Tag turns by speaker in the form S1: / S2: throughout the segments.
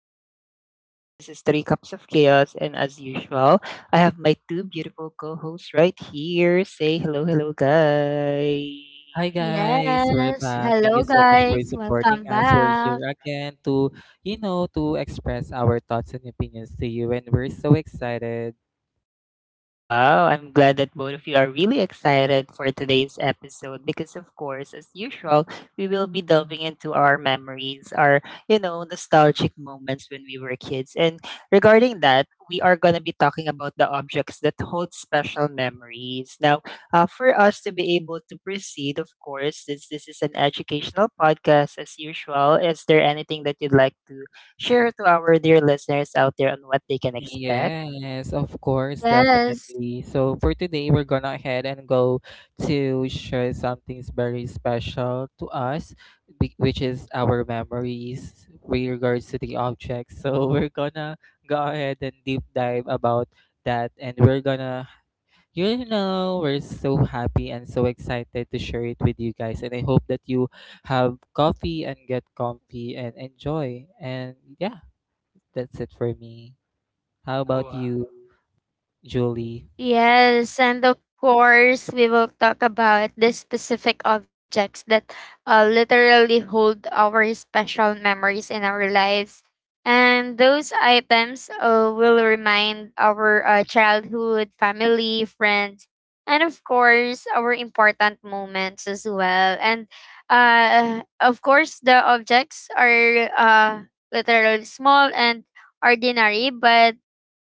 S1: podcast. Once again, this is Three Cups of Chaos, and as usual, I have my two beautiful co hosts right here. Say hello, hello, guys.
S2: Hi guys, we're
S3: Yes.
S2: back. Thank
S3: Hello,
S2: you so much for
S3: guys.
S2: supporting
S3: Welcome
S2: us. We're here
S3: back.
S2: again to express our thoughts and opinions to you, and we're so excited.
S1: Wow, I'm glad that both of you are really excited for today's episode because of course, as usual, we will be delving into our memories, our nostalgic moments when we were kids. And regarding that, we are going to be talking about the objects that hold special memories. Now, for us to be able to proceed, of course, since this is an educational podcast as usual, is there anything that you'd like to share to our dear listeners out there on what they can expect?
S2: Yes, of course,
S3: Yes.
S2: definitely. So for today, we're gonna ahead and go to share something very special to us, which is our memories with regards to the objects. So we're gonna go ahead and deep dive about that, and we're gonna You know, we're so happy and so excited to share it with you guys. And I hope that you have coffee and get comfy and enjoy. And yeah, that's it for me. How
S1: Oh,
S2: about
S1: uh,
S2: you, Julie?
S3: Yes, and of course, we will talk about the specific objects that literally hold our special memories in our lives. And those items will remind our childhood, family, friends, and of course, our important moments as well. And of course, the objects are literally small and ordinary, but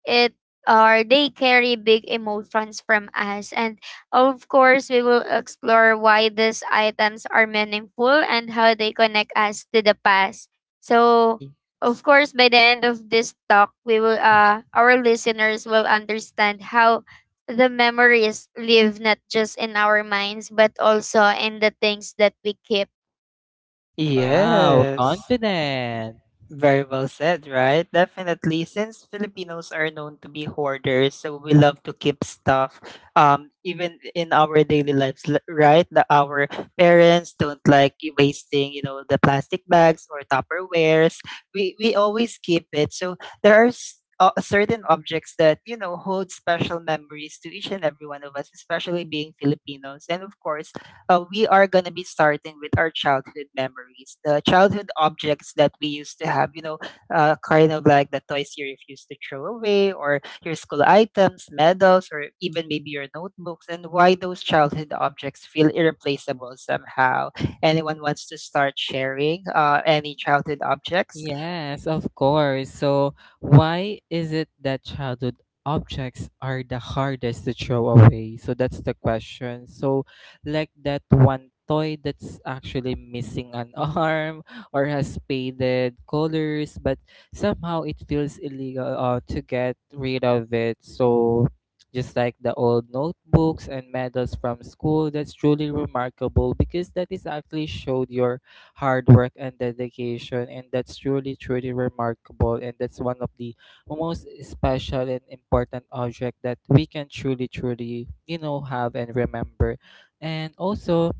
S3: it or they carry big emotions from us. And of course, we will explore why these items are meaningful and how they connect us to the past. So,
S1: Y-
S3: of course, by the end of this talk, we will our listeners will understand how the memories live not just in our minds but also in the things that we keep.
S2: Wow,
S1: Yes.
S2: confident.
S1: Very well said, right? Definitely. Since Filipinos are known to be hoarders, so we love to keep stuff. Even in our daily lives, right? Our parents don't like you wasting, you know, the plastic bags or Tupperwares. We always keep it. So there are certain objects that you know hold special memories to each and every one of us, especially being Filipinos. And of course, we are going to be starting with our childhood memories, the childhood objects that we used to have, you know, kind of like the toys you refuse to throw away, or your school items, medals, or even maybe your notebooks, and why those childhood objects feel irreplaceable somehow. Anyone wants to start sharing any childhood objects?
S2: Yes, of course. So, why is it that childhood objects are the hardest to throw away? So, that's the question. So, like that one toy that's actually missing an arm or has faded colors, but somehow it feels illegal to get rid of it. So, just like the old notebooks and medals from school, that's truly remarkable because that is actually showed your hard work and dedication, and that's truly truly remarkable, and that's one of the most special and important object that we can truly truly, you know, have and remember. And also,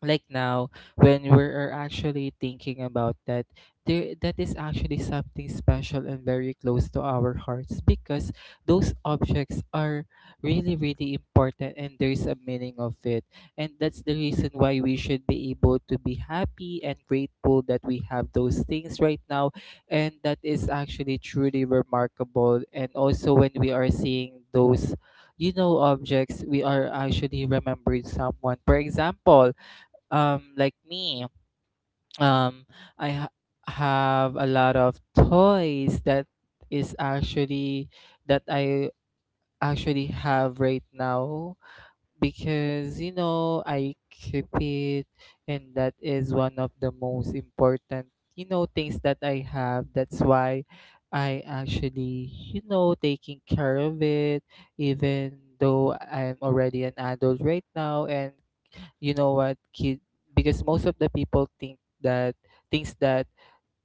S2: like now, when we're actually thinking about that, there that is actually something special and very close to our hearts because those objects are really really important, and there's a meaning of it, and that's the reason why we should be able to be happy and grateful that we have those things right now, and that is actually truly remarkable. And also, when we are seeing those, you know, objects, we are actually remembering someone. For example, like me, um I have a lot of toys that is actually that I actually have right now because, you know, I keep it, and that is one of the most important, you know, things that I have. That's why I actually, you know, taking care of it, even though I'm already an adult right now. And you know what, kid, because most of the people think that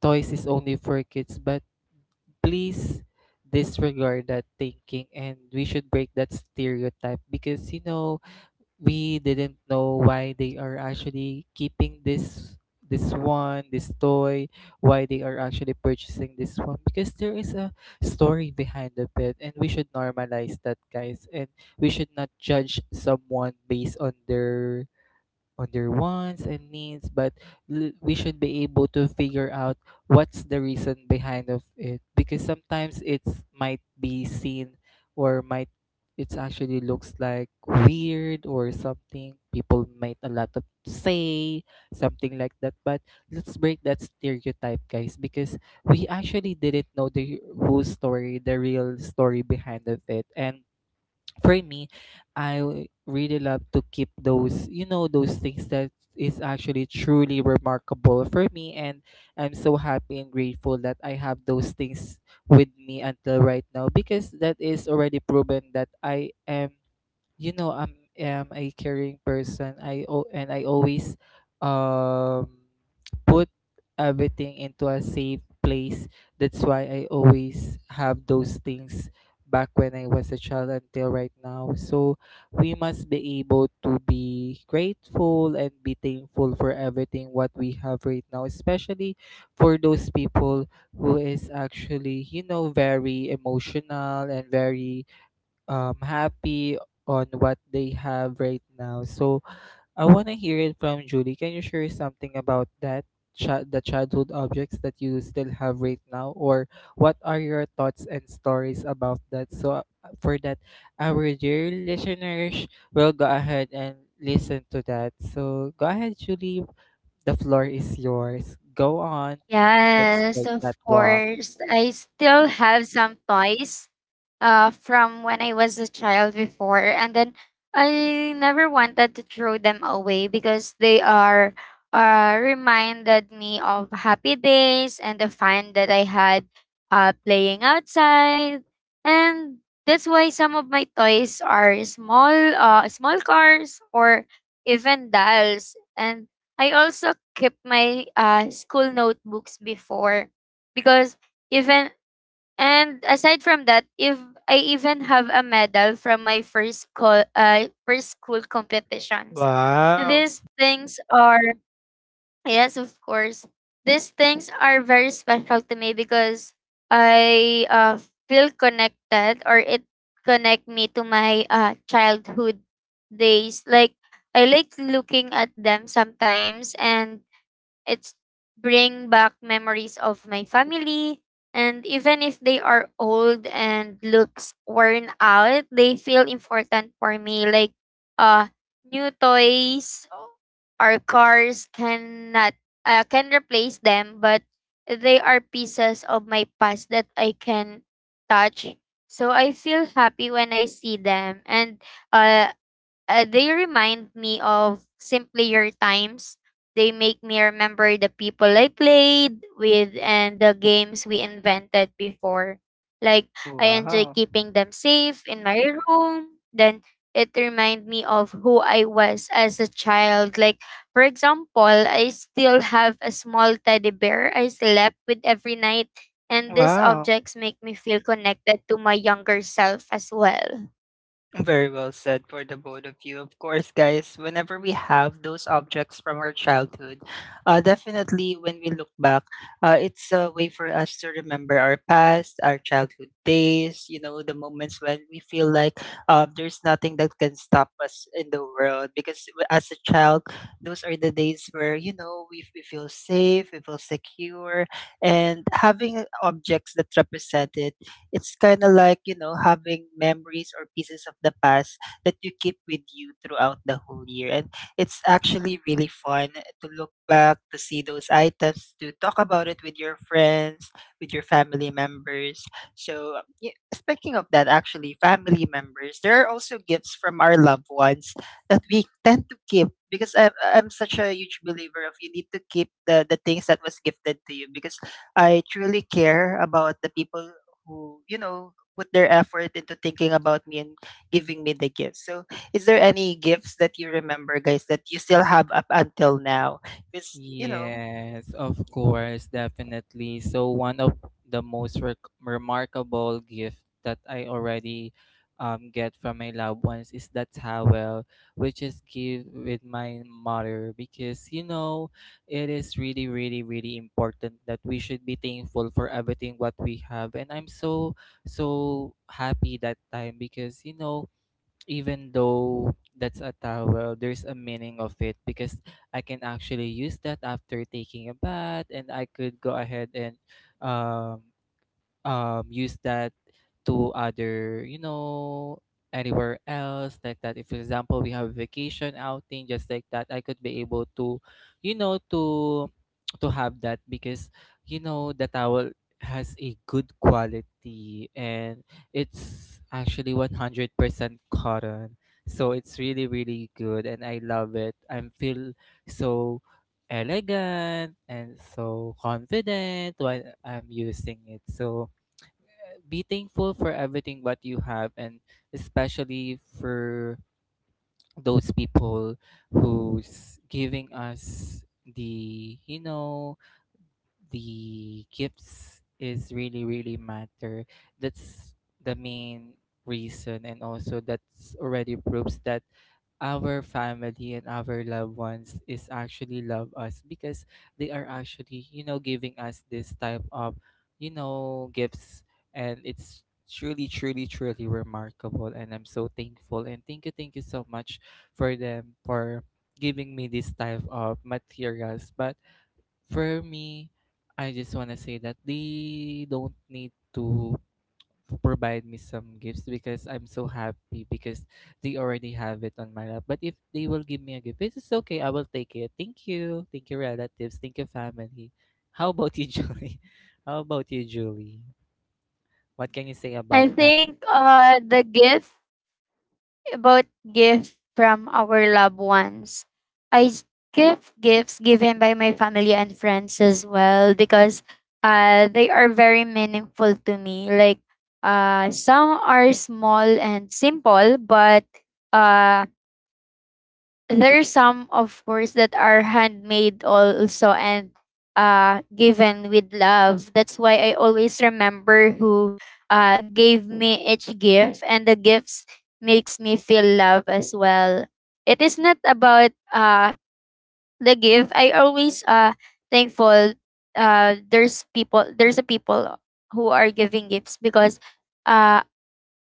S2: toys is only for kids, but please disregard that thinking, and we should break that stereotype because, you know, we didn't know why they are actually keeping this this one this toy, why they are actually purchasing this one because there is a story behind the it. And we should normalize that, guys, and we should not judge someone based on their wants and needs, but we should be able to figure out what's the reason behind of it because sometimes it's might be seen, or might, it's actually looks like weird or something, people might a lot of say something like that. But let's break that stereotype, guys, because we actually didn't know the whole story, the real story behind of it. And for me, I really love to keep those, you know, those things that is actually truly remarkable for me. And I'm so happy and grateful that I have those things with me until right now because that is already proven that I am you know I'm am a caring person. I al- and i always um put everything into a safe place. That's why I always have those things back when I was a child until right now. So we must be able to be grateful and be thankful for everything what we have right now, especially for those people who is actually, you know, very emotional and very happy on what they have right now. So I want to hear it from Julie. Can you share something about that? The childhood objects that you still have right now, or what are your thoughts and stories about that? So for that, our dear listeners will go ahead and listen to that. So go ahead, Julie, the floor is yours, go on. Let's
S3: Yes,
S2: take
S3: of
S2: that walk.
S3: course. I still have some toys from when I was a child before, and then I never wanted to throw them away because they are reminded me of happy days and the fun that I had playing outside. And that's why some of my toys are small small cars or even dolls. And I also kept my school notebooks before because even, and aside from that, if I even have a medal from my first school competitions.
S1: Wow.
S3: These things are, yes, of course. These things are very special to me because I feel connected, or it connect me to my childhood days. Like, I like looking at them sometimes, and it's bring back memories of my family. And even if they are old and looks worn out, they feel important for me like uh new toys. Our cars cannot can replace them, but they are pieces of my past that I can touch. So I feel happy when I see them, and uh, they remind me of simpler times. They make me remember the people I played with and the games we invented before. Like, I enjoy
S1: Wow.
S3: keeping them safe in my room. Then, it reminds me of who I was as a child. Like, for example, I still have a small teddy bear I slept with every night. And these
S1: Wow.
S3: objects make me feel connected to my younger self as well.
S1: Very well said for the both of you. Of course, guys, whenever we have those objects from our childhood, definitely when we look back, it's a way for us to remember our past, our childhood days, you know, the moments when we feel like there's nothing that can stop us in the world. Because as a child, those are the days where, you know, we feel safe, we feel secure, and having objects that represent it it's kind of like, you know, having memories or pieces of the past that you keep with you throughout the whole year. And it's actually really fun to look back, to see those items, to talk about it with your friends, with your family members. So, yeah, speaking of that, actually, family members, there are also gifts from our loved ones that we tend to keep because I'm such a huge believer of you need to keep the things that was gifted to you because I truly care about the people who, you know, put their effort into thinking about me and giving me the gifts. So, is there any gifts that you remember, guys, that you still have up until now? Because, you know,
S2: Yes, of course, definitely. So one of the most remarkable gift that I already get from my loved ones is that towel, which is give with my mother because, you know, it is really, really, really important that we should be thankful for everything what we have. And I'm so so happy that time because, you know, even though that's a towel, well, there's a meaning of it because I can actually use that after taking a bath, and I could go ahead and um use that to other, you know, anywhere else like that. If, for example, we have vacation outing just like that, I could be able to, you know, to have that because, you know, the towel has a good quality, and it's actually 100% cotton. So it's really really good, and I love it. I feel so elegant and so confident when I'm using it. So be thankful for everything what you have, and especially for those people who's giving us the, you know, the gifts is really really matter. That's the main reason. And also, that's already proves that our family and our loved ones is actually love us because they are actually, you know, giving us this type of, you know, gifts. And it's truly truly truly remarkable, and I'm so thankful. And thank you so much for them, for giving me this type of materials. But for me, I just want to say that they don't need to provide me some gifts because I'm so happy because they already have it on my lap. But if they will give me a gift, it's okay. I will take it. Thank you. Thank you, relatives. Thank you, family. How about you, Julie? How about you, Julie? What can you say
S3: I
S2: about that?
S3: think the gift, about gift from our loved ones. I s- give gifts given by my family and friends as well because they are very meaningful to me. Like, some are small and simple, but uh There are some, of course, that are handmade also and given with love. That's why I always remember who gave me each gift, and the gifts makes me feel love as well. It is not about the gift. I always thankful. There's people. There's a people who are giving gifts because uh,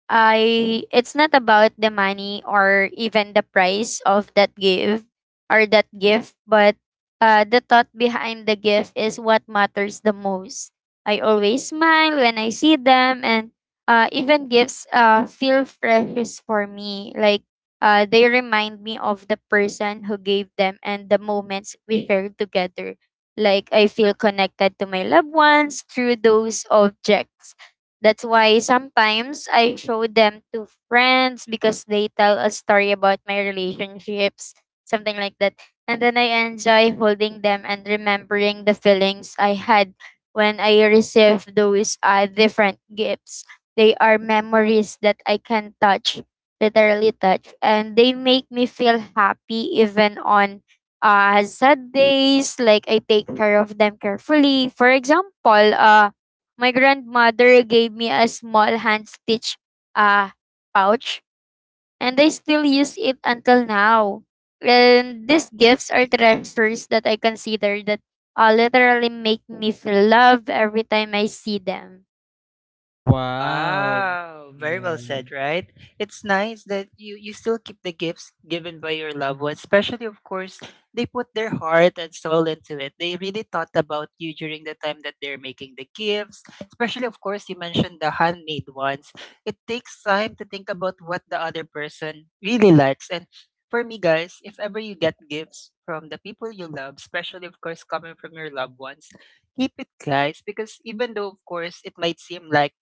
S3: I it's not about the money or even the price of that gift or that gift, but the thought behind the gift is what matters the most. I always smile when I see them, and even gifts feel precious for me. Like, they remind me of the person who gave them and the moments we shared together. Like, I feel connected to my loved ones through those objects. That's why sometimes I show them to friends because they tell a story about my relationships, something like that. And then I enjoy holding them and remembering the feelings I had when I received those different gifts. They are memories that I can touch, literally touch, and they make me feel happy even on sad days. Like, I take care of them carefully. For example, my grandmother gave me a small hand stitched uh, pouch, and I still use it until now. And these gifts are treasures that I consider that literally make me feel love every time I see them.
S2: Wow.
S1: Wow, very well
S2: Yeah.
S1: said, right? It's nice that you still keep the gifts given by your loved ones, especially of course they put their heart and soul into it. They really thought about you during the time that they're making the gifts, especially of course you mentioned the handmade ones. It takes time to think about what the other person really likes and for me guys, if ever you get gifts from the people you love, especially of course coming from your loved ones, keep it guys because even though of course it might seem like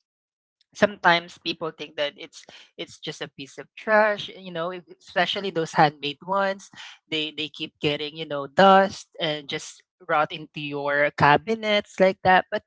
S1: sometimes people think that it's just a piece of trash you know especially those handmade ones they keep getting you know dust and just rot into your cabinets like that but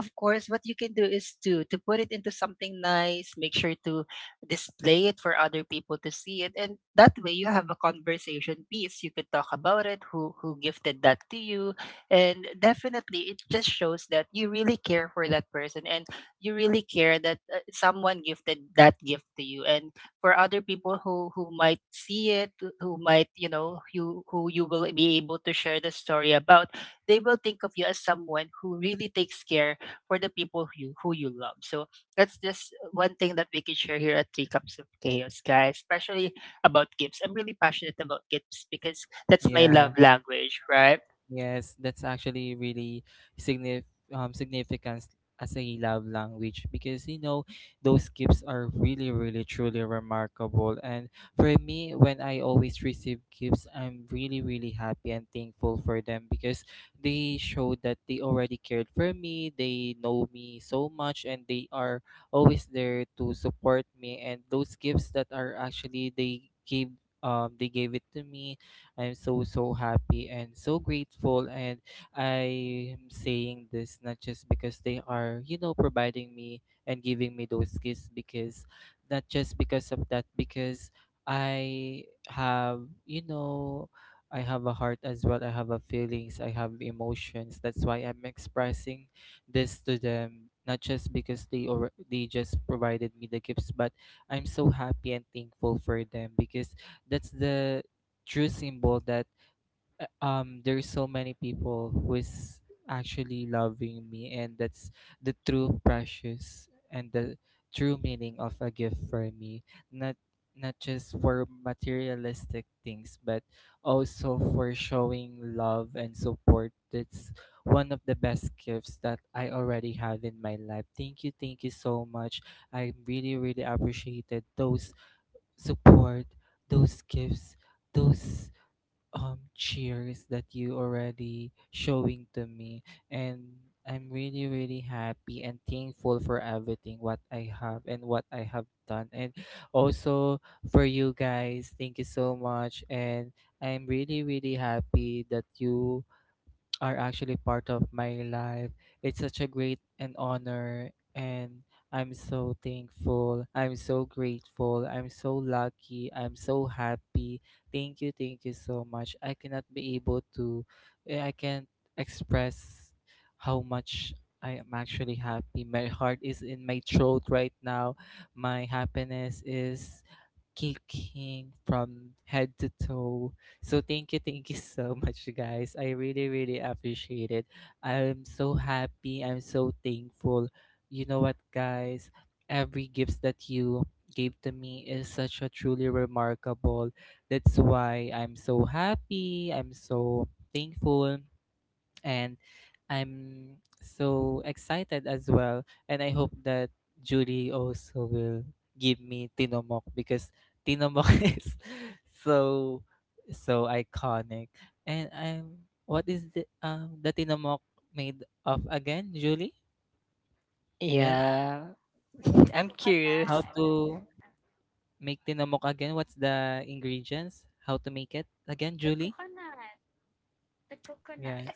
S1: of course, what you can do is to put it into something nice, make sure to display it for other people to see it, and that way you have a conversation piece. You could talk about it, who gifted that to you, and definitely it just shows that you really care for that person and you really care that someone gifted that gift to you. And for other people who might see it, who might, you know, you who you will be able to share the story about, they will think of you as someone who really takes care for the people who who you love. So that's just one thing that we can share here at Three Cups of Chaos, guys, especially about gifts. I'm really passionate about gifts because that's my
S2: Yeah.
S1: love language, right?
S2: Yes, that's actually really signif significant as a love language because, you know, those gifts are really, really, truly remarkable. And for me, when I always receive gifts, I'm really, really happy and thankful for them because they show that they already cared for me, they know me so much, and they are always there to support me. And those gifts that are actually they gave it to me, I'm so, so happy and so grateful. And I'm saying this not just because they are, you know, providing me and giving me those gifts, because not just because of that, because I have, you know, I have a heart as well. I have a feelings. I have emotions. That's why I'm expressing this to them. Not just because they or they just provided me the gifts, but I'm so happy and thankful for them because that's the true symbol that there's so many people who is actually loving me. And that's the true precious and the true meaning of a gift for me, not not just for materialistic things but also for showing love and support. That's one of the best gifts that I already have in my life. Thank you, thank you so much. I really really appreciated those support, those gifts, those cheers that you already showing to me. And I'm really really happy and thankful for everything what I have and what I have done. And also, for you guys, thank you so much. And I'm really really happy that you are actually part of my life. It's such a great an honor, and I'm so thankful. I'm so grateful. I'm so lucky. I'm so happy. Thank you. Thank you so much. I cannot be able to eh, I can't express how much I am actually happy. My heart is in my throat right now. My happiness is kicking from head to toe. So thank you so much, guys. I really, really appreciate it. I'm so happy. I'm so thankful. You know what, guys? Every gift that you gave to me is such a truly remarkable. That's why I'm so happy. I'm so thankful, and I'm so excited as well. And I hope that Judy also will give me Tinomok because Tinomok is so so iconic. And I'm what is the Tinomok made of again, Julie? Yes.
S1: Yeah. I'm
S3: The
S2: How
S1: curious.
S2: to make Tinomok again? What's the ingredients? How to make it again,
S3: the
S2: Julie?
S3: coconut, coconut, coconut.
S2: Yes.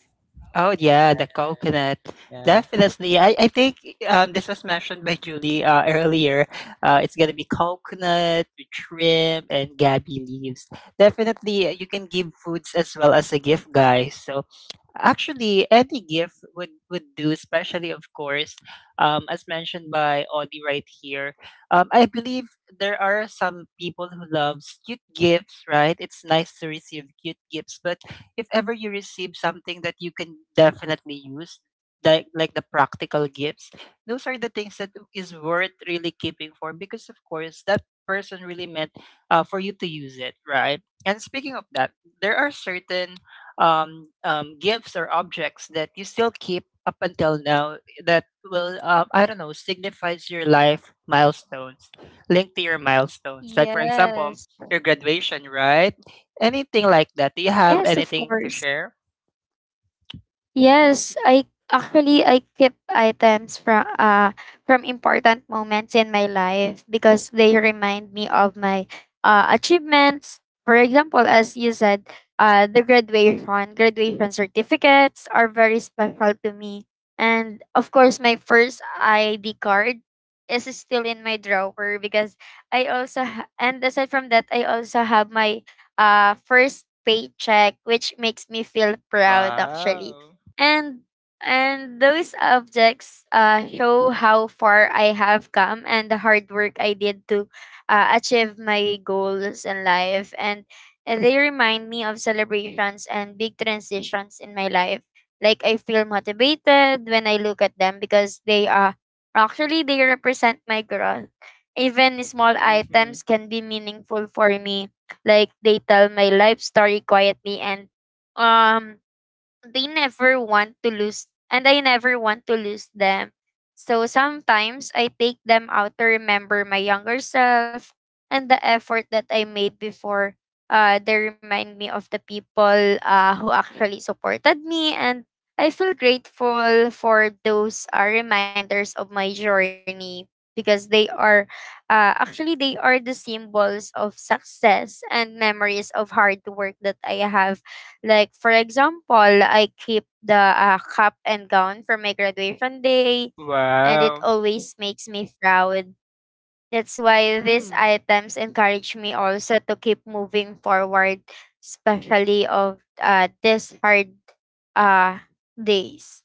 S1: Oh yeah, the coconut.
S2: Yeah.
S1: Definitely. I think this was mentioned by Julie earlier. It's gonna be coconut, with shrimp, and gabi leaves. Definitely, you can give foods as well as a gift, guys. So actually, any gift would do, especially of course, as mentioned by Audie right here. I believe there are some people who loves cute gifts, right? It's nice to receive cute gifts, but if ever you receive something that you can definitely use, like the practical gifts, those are the things that is worth really keeping for because of course that person really meant for you to use it, right? And speaking of that, there are certain gifts or objects that you still keep up until now that will I don't know signifies your life milestones linked to your milestones like for example
S3: Yes.
S1: your graduation right anything like that do you have
S3: Yes, of
S1: anything to
S3: course.
S1: share.
S3: Yes, I actually I keep items from important moments in my life because they remind me of my achievements. For example, as you said, graduation certificates are very special to me. And of course, my first ID card is still in my drawer because I also ha- and aside from that, I also have my first paycheck, which makes me feel proud actually.
S1: Wow.
S3: And and those objects show how far I have come and the hard work I did to achieve my goals in life. And they remind me of celebrations and big transitions in my life. Like, I feel motivated when I look at them because they are actually they represent my growth. Even small items
S1: Mhm.
S3: can be meaningful for me. Like, they tell my life story quietly, and um they never want to lose, and I never want to lose them. So sometimes I take them out to remember my younger self and the effort that I made before. They remind me of the people who actually supported me, and I feel grateful for those reminders of my journey because they are actually they are the symbols of success and memories of hard work that I have. Like, for example, I keep the cap and gown for my graduation day, and it
S1: Wow.
S3: always makes me proud. That's why these
S1: Mhm.
S3: items encourage me also to keep moving forward, especially of these hard uh, days.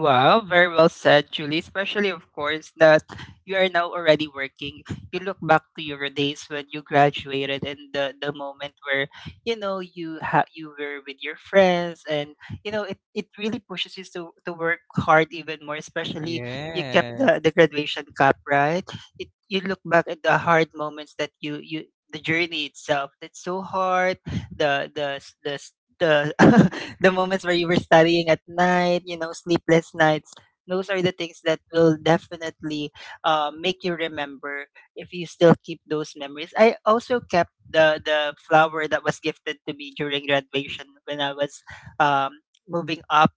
S1: Wow, very well said, Julie. Especially, of course, that you are now already working. You look back to your days when you graduated and the moment where you know you were with your friends, and you know it really pushes you to work hard even more. Especially, you kept the
S2: Yes.
S1: graduation cup, right? It you look back at the hard moments that you the journey itself that's so hard the the s- the the the moments where you were studying at night, you know, sleepless nights. Those are the things that will definitely make you remember if you still keep those memories. I also kept the flower that was gifted to me during graduation when I was um, moving up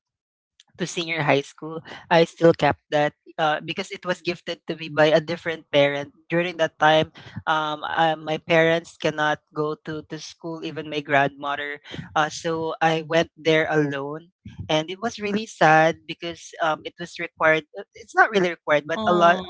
S1: to senior high school, I still kept that because it was gifted to me by a different parent. During that time, my parents cannot go to school, even my grandmother. So I went there alone. And it was really sad because it was required. It's not really required, but a lot.
S2: Oh.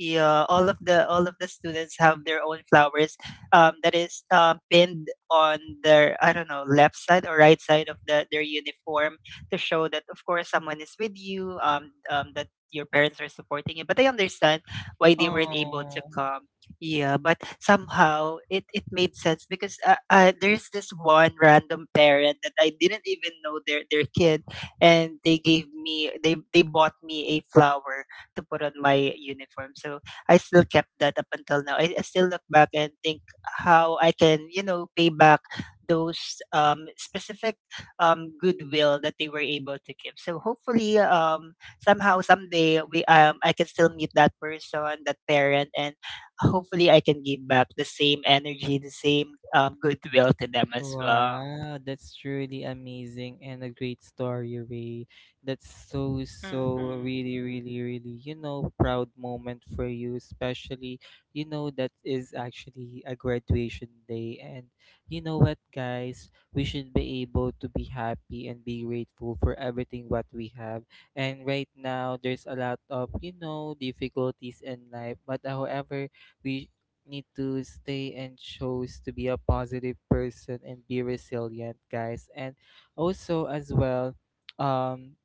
S1: Yeah, all of the students have their own flowers that is pinned on their I don't know left side or right side of their uniform to show that of course someone is with you that your parents are supporting you but I understand why they weren't able to
S2: Oh.
S1: come. Yeah, but somehow it made sense because there's this one random parent that I didn't even know their kid and they gave me they bought me a flower to put on my uniform so I still kept that up until now I still look back and think how I can you know pay back those specific goodwill that they were able to give. So hopefully, somehow someday we I can still meet that person, that parent, and hopefully I can give back the same energy, the same goodwill to them as well.
S2: Wow, that's truly amazing and a great story, Ray. That's so, so
S1: Mm-hmm.
S2: really, really, really, you know, proud moment for you, especially, you know, that is actually a graduation day. And you know what, guys, we should be able to be happy and be grateful for everything what we have. And right now, there's a lot of, difficulties in life, but however, we need to stay and chose to be a positive person and be resilient guys and also as well um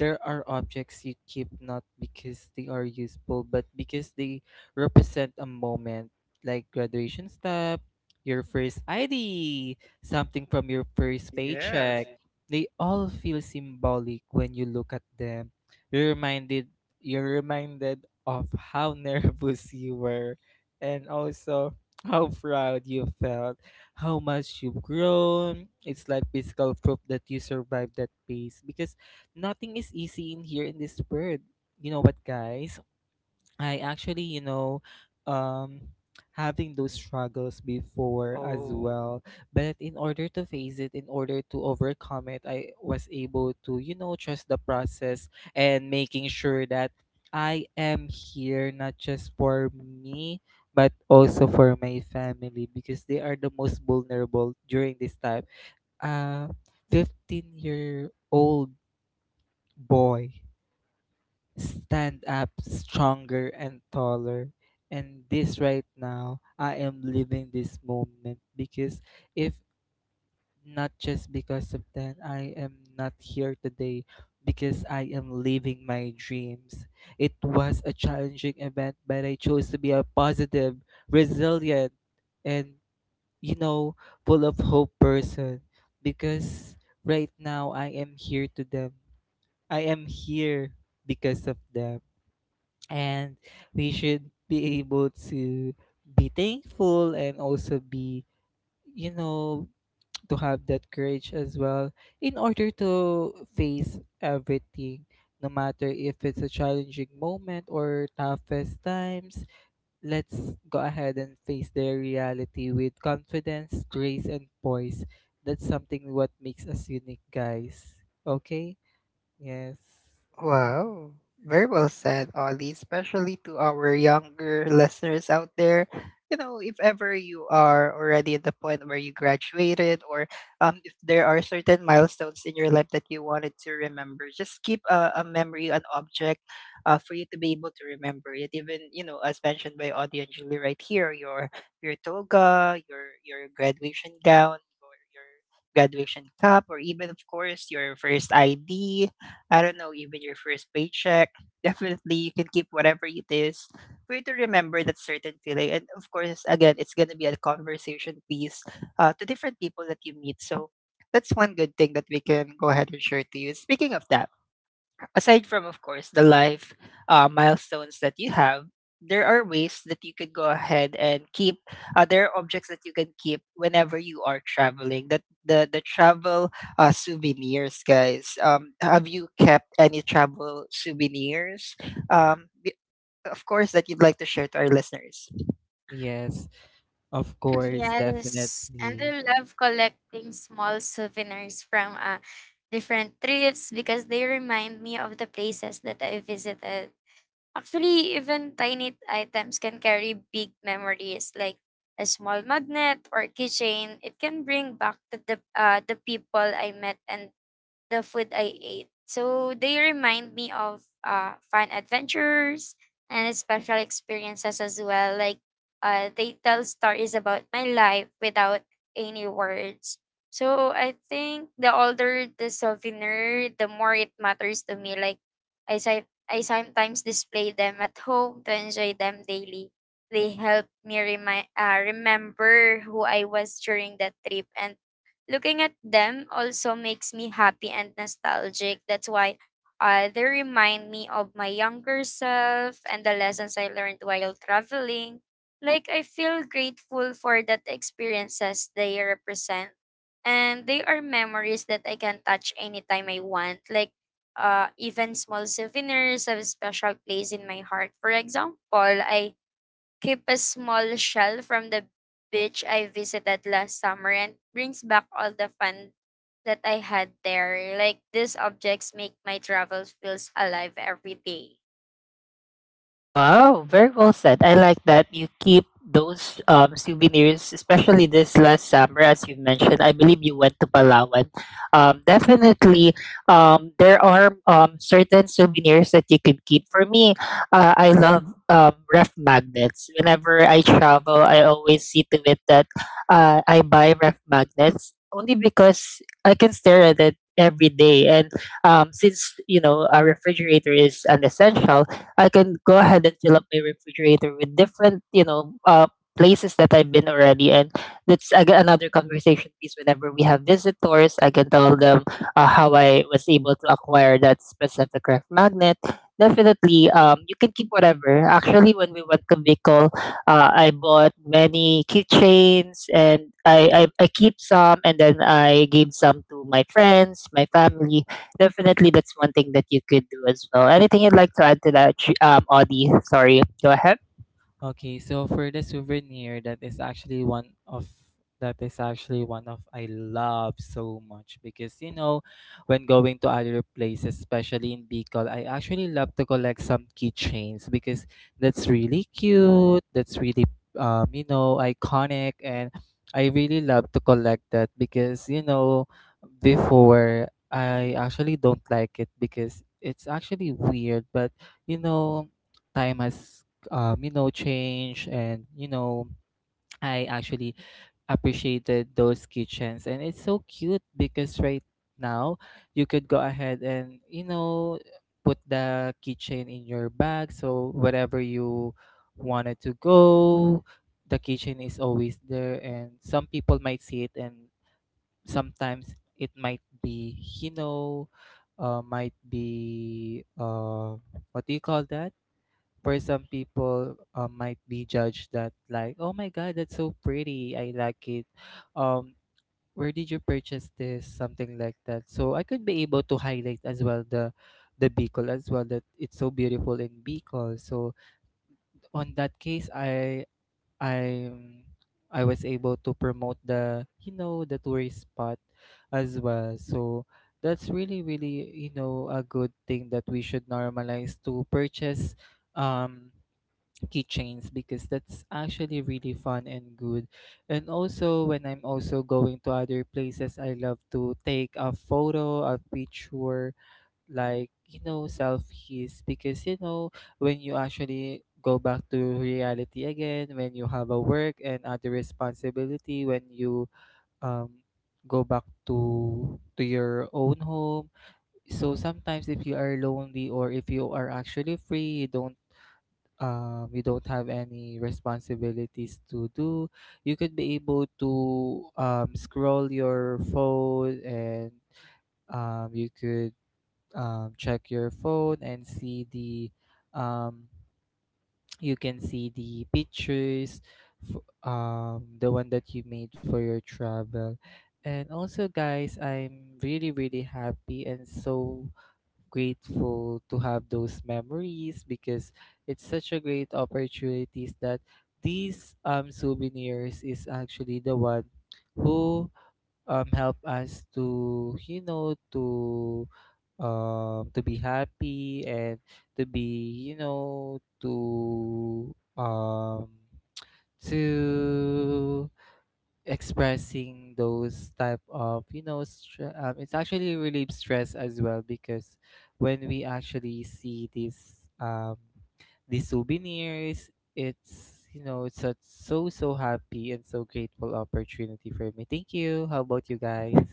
S2: there are objects you keep not because they are useful but because they represent a moment, like graduation stuff, your first id, something from your first
S1: Yes.
S2: paycheck. They all feel symbolic when you look at them. You're reminded, you're reminded of how nervous you were, and also how proud you felt, how much you've grown. It's like physical proof that you survived that phase because nothing is easy in here in this world. You know what, guys? I actually, um, having those struggles before as
S1: Oh.
S2: well. But in order to face it, in order to overcome it, I was able to, trust the process and making sure that I am here not just for me, but also for my family because they are the most vulnerable during this time. A 15-year-old boy stand up stronger and taller. And this right now, I am living this moment because if not just because of that, I am not here today because I am living my dreams. It was a challenging event, but I chose to be a positive, resilient, and you know, full of hope person because right now I am here to them. I am here because of them and we should be able to be thankful and also be you know to have that courage as well, in order to face everything, no matter if it's a challenging moment or toughest times. Let's go ahead and face their reality with confidence, grace, and poise. That's something what makes us unique, guys. Okay, yes.
S1: Wow. Very well said, Ollie, especially to our younger listeners out there. You know, if ever you are already at the point where you graduated or if there are certain milestones in your life that you wanted to remember, just keep a memory, an object for you to be able to remember it. Even, you know, as mentioned by Audie and Julie right here, your toga, your graduation gown, your graduation cap, or even, of course, your first ID. I don't know, even your first paycheck. Definitely, you can keep whatever it is for you to remember that certain feeling. And of course, again, it's going to be a conversation piece to different people that you meet. So that's one good thing that we can go ahead and share to you. Speaking of that, aside from of course the life milestones that you have there are ways that you could go ahead and keep there are objects that you can keep whenever you are traveling that the travel souvenirs guys have you kept any travel souvenirs um of course, that you'd like to share to our listeners?
S2: Yes, of course,
S3: Yes, and
S2: definitely.
S3: I love collecting small souvenirs from different trips because they remind me of the places that I visited. Actually, even tiny items can carry big memories, like a small magnet or keychain. It can bring back to the people I met and the food I ate. So they remind me of fun adventures and special experiences as well. Like, they tell stories about my life without any words. So I think the older the souvenir, the more it matters to me. Like, I sometimes display them at home to enjoy them daily. They help me remember who I was during that trip. And looking at them also makes me happy and nostalgic. That's why they remind me of my younger self and the lessons I learned while traveling. Like, I feel grateful for that experiences they represent. And they are memories that I can touch anytime I want. Like, even small souvenirs have a special place in my heart. For example, I keep a small shell from the beach I visited last summer, and brings back all the fun that I had there. Like, these objects make my travels feels alive every day.
S1: Wow, very well said. I like that you keep those souvenirs, especially this last summer, as you mentioned. I believe you went to Palawan. Definitely, there are certain souvenirs that you can keep. For me, I love ref magnets. Whenever I travel, I always see to it that I buy ref magnets only because I can stare at it every day. And since, you know, a refrigerator is an essential, I can go ahead and fill up my refrigerator with different, you know, places that I've been already. And that's aga another conversation piece whenever we have visitors. I can tell them how I was able to acquire that specific ref magnet. Definitely, you can keep whatever. Actually, when we went to Bicol, I bought many keychains and I keep some and then I gave some to my friends, my family. Definitely, that's one thing that you could do as well. Anything you'd like to add to that, Audie? Sorry, go ahead.
S2: Okay, so for the souvenir, that is actually one of that is actually one of I love so much because you know, when going to other places, especially in Bicol, I actually love to collect some keychains because that's really cute. That's really you know iconic, and I really love to collect that because you know before I actually don't like it because it's actually weird, but you know time has you know, change. And, you know, I actually appreciated those kitchens. And it's so cute because right now you could go ahead and, you know, put the kitchen in your bag. So wherever you wanted to go, the kitchen is always there. And some people might see it and sometimes it might be, you know, might be what do you call that? For some people might be judged that, like, oh my god, that's so pretty, I like it. um where did you purchase this, something like that, so I could be able to highlight as well the Bicol as well, that it's so beautiful in Bicol. So on that case, i I was able to promote the, you know, the tourist spot as well. So that's really, really, you know, a good thing that we should normalize to purchase um keychains, because that's actually really fun and good. And also when I'm also going to other places, I love to take a photo, a picture, like, you know, selfies because you know when you actually go back to reality again, when you have a work and other responsibility, when you um go back to your own home. So sometimes if you are lonely or if you are actually free, you don't have any responsibilities to do, you could be able to scroll your phone and you could check your phone and see the um, you can see the pictures f- the one that you made for your travel. And also guys, I'm really, really happy and so grateful to have those memories because it's such a great opportunities that these souvenirs is actually the one who help us to, you know, to be happy and to be, you know, to to expressing those type of, you know, it's actually really stress as well, because when we actually see these these souvenirs, it's, you know, it's a so, so happy and so grateful opportunity for me. Thank you. How about you guys?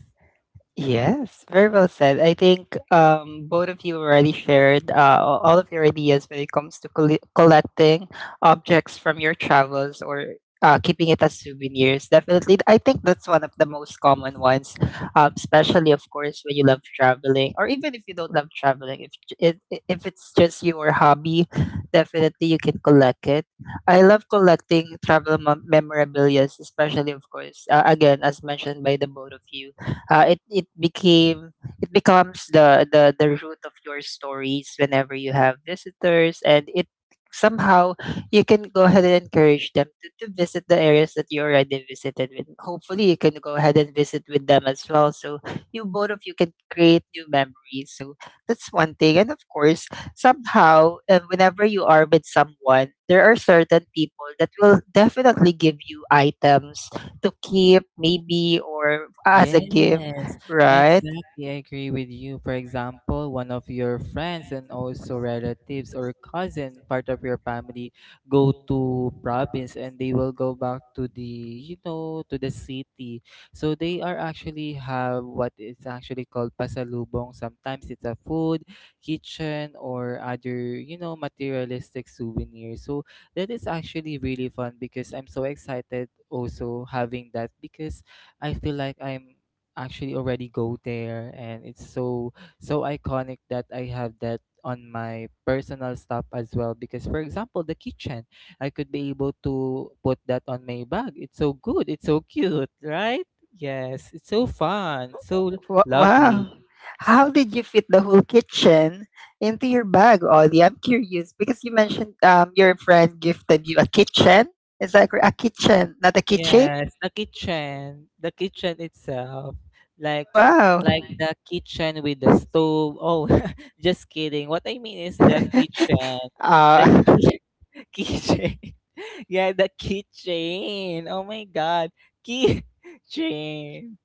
S1: Yes, very well said. I think both of you already shared all of your ideas when it comes to collecting objects from your travels or keeping it as souvenirs. Definitely, I think that's one of the most common ones, especially, of course, when you love traveling or even if you don't love traveling. If it's just your hobby, definitely you can collect it. I love collecting travel memorabilia, especially, of course, again, as mentioned by the both of you, it became, it becomes the root of your stories whenever you have visitors, and it somehow, you can go ahead and encourage them to visit the areas that you already visited, with hopefully you can go ahead and visit with them as well, so you both of you can create new memories. So that's one thing, and of course, somehow, whenever you are with someone, there are certain people that will definitely give you items to keep maybe, or as a gift,
S2: Yes,
S1: right?
S2: exactly. I agree with you. For example, one of your friends and also relatives or cousin, part of your family, go to province and they will go back to the, you know, to the city. So they are actually have what is actually called pasalubong. Sometimes it's a food, kitchen, or other, you know, materialistic souvenir. So that is actually really fun because I'm so excited also having that because I feel like I'm actually already go there and it's so so iconic that I have that on my personal stuff as well, because for example the kitchen, I could be able to put that on my bag. It's so good, it's so cute, right? Yes, it's so fun, so
S1: Wow.
S2: lovely.
S1: How did you fit the whole kitchen into your bag, Ollie? I'm curious because you mentioned your friend gifted you a kitchen. Is that correct? A kitchen, not a kitchen?
S2: Yes, the kitchen, the kitchen itself, like
S1: Wow.
S2: like the kitchen with the stove. Oh, just kidding, what I mean is the kitchen, the
S1: uh,
S2: ki- keychain. Yeah, the keychain. Oh my god. Keychain.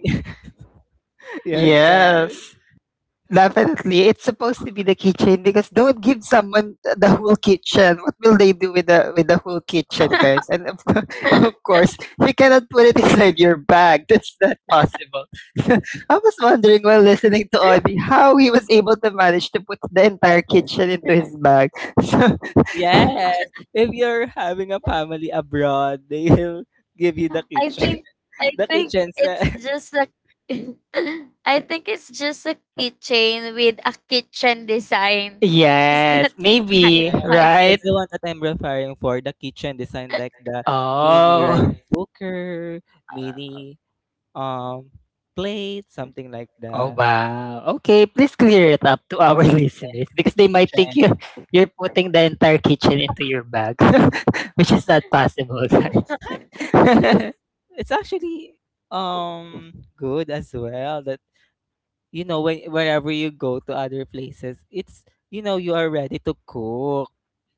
S2: Yes, guys.
S1: yes. Definitely, it's supposed to be the kitchen, because don't give someone the whole kitchen. What will they do with the whole kitchen, guys? Of course, you cannot put it inside your bag. That's not possible. I was wondering while listening to Audie how he was able to manage to put the entire kitchen into his bag. So,
S2: Yes. If you're having a family abroad, they'll give you the
S3: I
S2: kitchen.
S3: think I
S2: The
S3: think
S2: kitchen
S3: it's
S2: set.
S3: just a, I think it's just a keychain with a kitchen design. Is
S1: yes,
S3: that right?
S1: maybe
S2: Yeah.
S3: Pod?
S2: That's
S1: right.
S2: the one that I'm referring for. The kitchen design, like the mini
S1: Oh.
S2: rice cooker, mini um plate, something like
S1: Oh
S2: that.
S1: wow. Okay, please clear it up to our listeners
S2: The
S1: because they might think
S2: kitchen.
S1: you're putting the entire kitchen into your bag, which is not possible, guys.
S2: Yes. It's actually um good as well that you know when wherever you go to other places, it's, you know, you are ready to cook,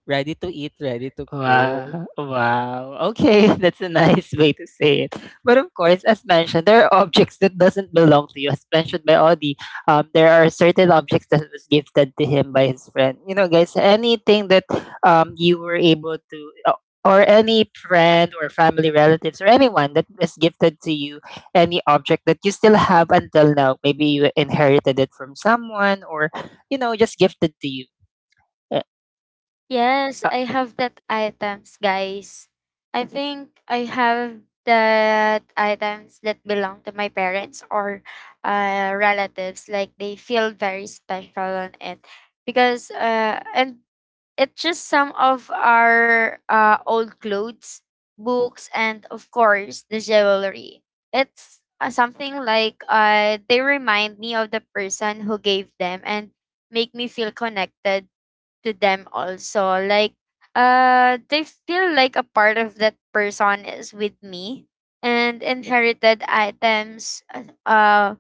S2: ready to eat, ready to cook.
S1: Wow, wow. Okay, that's a nice way to say it. But of course, as mentioned, there are objects that doesn't belong to you. As mentioned by Audi, there are certain objects that was gifted to him by his friend. You know, guys, anything that you were able to, uh, or any friend or family relatives or anyone that is gifted to you, any object that you still have until now, maybe you inherited it from someone or you know just gifted to you. Uh,
S3: Yes,
S1: uh,
S3: I have that items, guys. I think I have that items that belong to my parents or relatives. Like, they feel very special on it because and it's just some of our old clothes, books, and of course the jewelry. It's something like they remind me of the person who gave them and make me feel connected to them also. Like, they feel like a part of that person is with me. And inherited items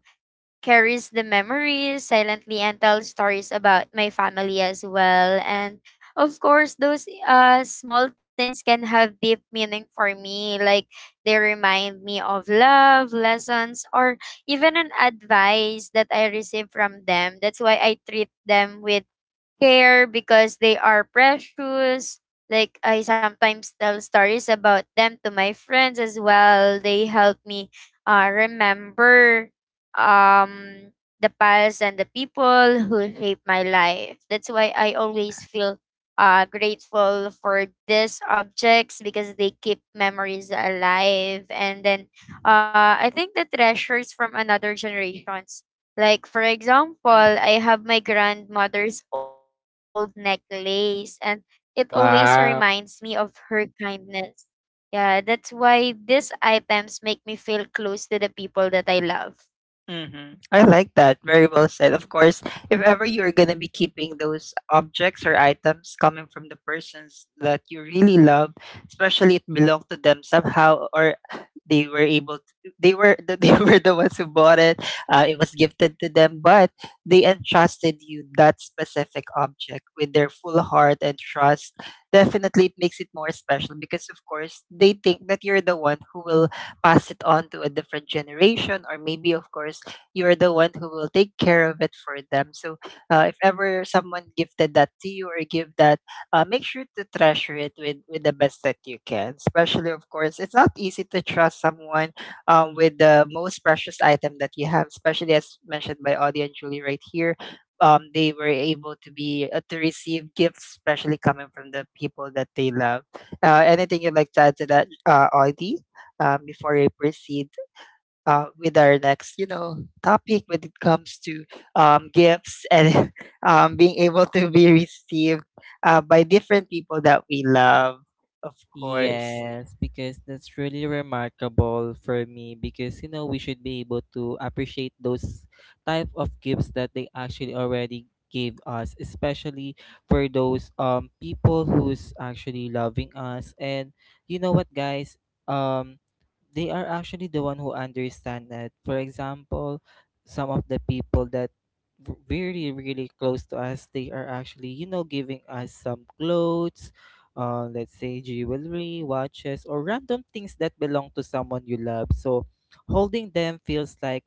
S3: carries the memories silently and tells stories about my family as well. And of course, those small things can have deep meaning for me. Like, they remind me of love, lessons, or even an advice that I receive from them. That's why I treat them with care because they are precious. Like, I sometimes tell stories about them to my friends as well. They help me remember um the past and the people who shaped my life. That's why I always feel grateful for these objects because they keep memories alive. And then, I think the treasures from another generations, like, for example,
S1: mhm.
S3: I have my grandmother's old necklace, and it always reminds me of her kindness. Yeah, that's why these items make me feel close to the people that I love.
S1: Hmm, I like that. Very well said. Of course, if ever you're going to be keeping those objects or items coming from the persons that you really love, especially it belonged to them somehow, or they were able to, they were they were the ones who bought it. It was gifted to them, but they entrusted you that specific object with their full heart and trust. Definitely, it makes it more special because, of course, they think that you're the one who will pass it on to a different generation, or maybe of course you're the one who will take care of it for them. So if ever someone gifted that to you or give that, make sure to treasure it with the best that you can. Especially, of course, it's not easy to trust someone with the most precious item that you have, especially as mentioned by Audie and Julie right here. They were able to be to receive gifts, especially coming from the people that they love. Anything you'd like to add to that, Audie, before we proceed? With our next, you know, topic when it comes to gifts and being able to be received by different people that we love, of course.
S2: Yes, because that's really remarkable for me because you know we should be able to appreciate those type of gifts that they actually already gave us, especially for those people who's actually loving us. And you know what guys? They are actually the one who understand that. For example, some of the people that really really close to us, they are actually, you know, giving us some clothes, let's say jewelry, watches, or random things that belong to someone you love. So holding them feels like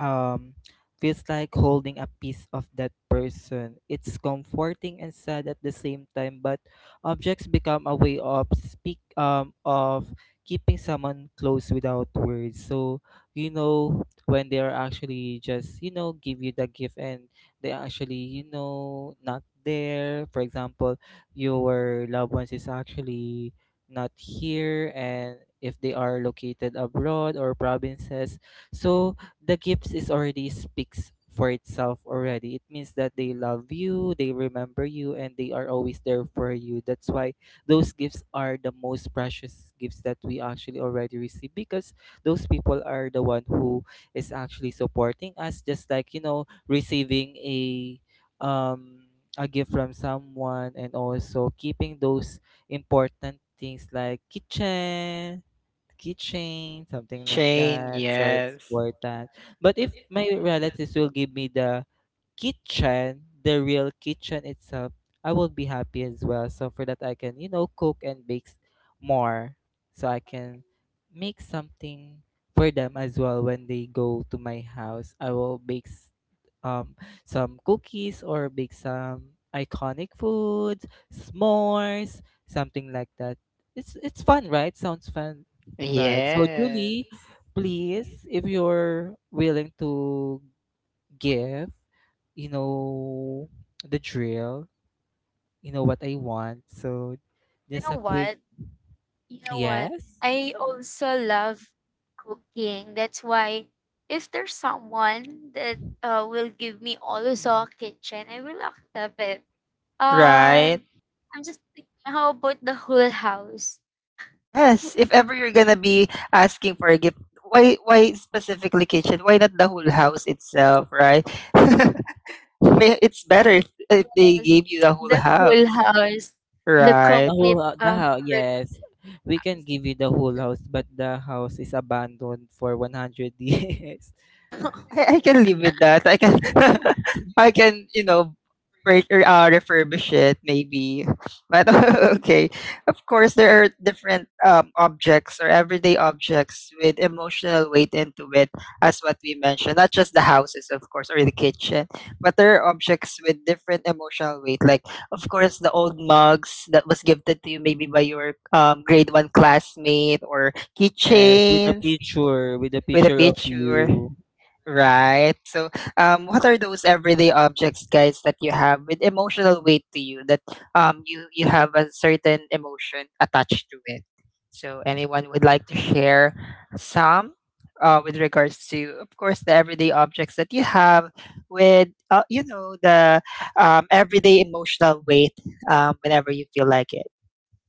S2: um feels like holding a piece of that person. It's comforting and sad at the same time, but objects become a way of speak of keeping someone close without words. So you know when they are actually just, you know, give you the gift and they actually, you know, not there. For example, your loved ones is actually not here, and if they are located abroad or provinces, so the gifts is already speaks for itself already. It means that they love you, they remember you, and they are always there for you. That's why those gifts are the most precious gifts that we actually already receive, because those people are the one who is actually supporting us, just like, you know, receiving um, a gift from someone and also keeping those important things, like kitchen,
S1: The
S2: something like
S1: Chain,
S2: that, so it's
S1: yes,
S2: worth that. But if my relatives will give me the kitchen, the real kitchen itself, I will be happy as well, so for that I can, you know, cook and bake more, so I can make something for them as well. When they go to my house, I will bake um, some cookies or bake some iconic foods, s'mores, something like that. It's fun, right? Sounds fun, right? So
S1: yes,
S2: Julie, please, if you're willing to give, you know, the drill, you know what I want. So
S3: You
S2: just
S3: know
S2: a quick
S3: what? You know what?
S2: yes.
S3: I also love cooking. That's why if there's someone that will give me also
S2: Mhm.
S3: a kitchen, I will accept it.
S1: right.
S3: Um, I'm just thinking, how about the whole house?
S1: Yes, if ever you're gonna be asking for a gift, why specifically kitchen? Why not the whole house itself, right? It's better if they
S3: House,
S1: gave you the whole
S3: the whole
S1: house,
S3: house, the
S2: The
S1: right?
S3: complete
S2: the house, yes. We
S3: apartment.
S2: can give you the whole house, but the house is abandoned for 100 years.
S1: I can live with that. I can I can, you know, refurbish it maybe. But okay. Of course there are different objects, or everyday objects with emotional weight into it, as what we mentioned. Not just the houses of course, or the kitchen, but there are objects with different emotional weight, like of course the old mugs that was gifted to you maybe by your grade 1 classmate, or
S2: Yes,
S1: keychains
S2: with a
S1: with a
S2: picture of
S1: picture.
S2: you.
S1: Right. So, what are those everyday objects, guys, that you have with emotional weight to you that you have a certain emotion attached to it? So, anyone would like to share some with regards to, of course, the everyday objects that you have with you know the everyday emotional weight, whenever you feel like it.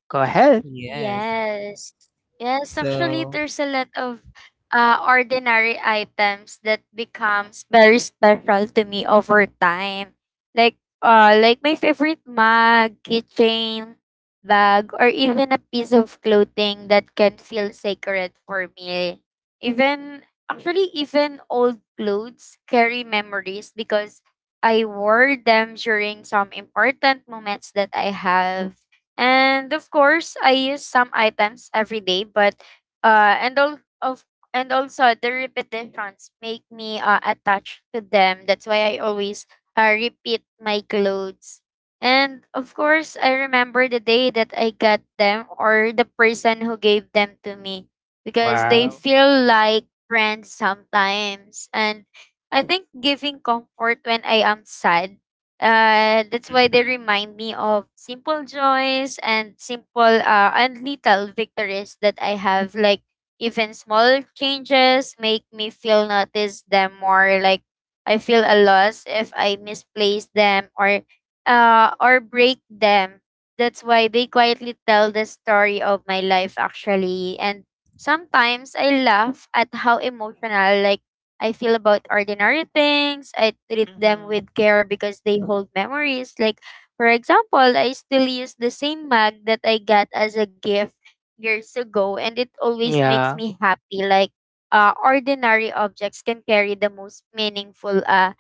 S1: Go ahead.
S2: Yes.
S3: Yes. Yes, actually
S2: So,
S3: there's a lot of ordinary items that becomes very special to me over time. Like, like my favorite mug, keychain, bag, or even a piece of clothing that can feel sacred for me. Even, actually even old clothes carry memories because I wore them during some important moments that I have. And of course, I use some items every day, but and all of and also the repetitions make me attached to them. That's why I always repeat my clothes. And of course, I remember the day that I got them or the person who gave them to me because they
S1: Wow.
S3: feel like friends sometimes. And I think giving comfort when I am sad, that's why they
S1: Mm-hmm.
S3: remind me of simple joys and simple and little victories that I have. Like even small changes make me feel notice them more. Like I feel a loss if I misplace them or break them. That's why they quietly tell the story of my life actually. And sometimes I laugh at how emotional, I feel about ordinary things. I treat them with
S1: Mm-hmm.
S3: care because they hold memories. Like, for example, I still use the same mug that I got as a gift years ago, and it always makes
S1: Yeah.
S3: me happy. Like, ordinary objects can carry the most meaningful uh,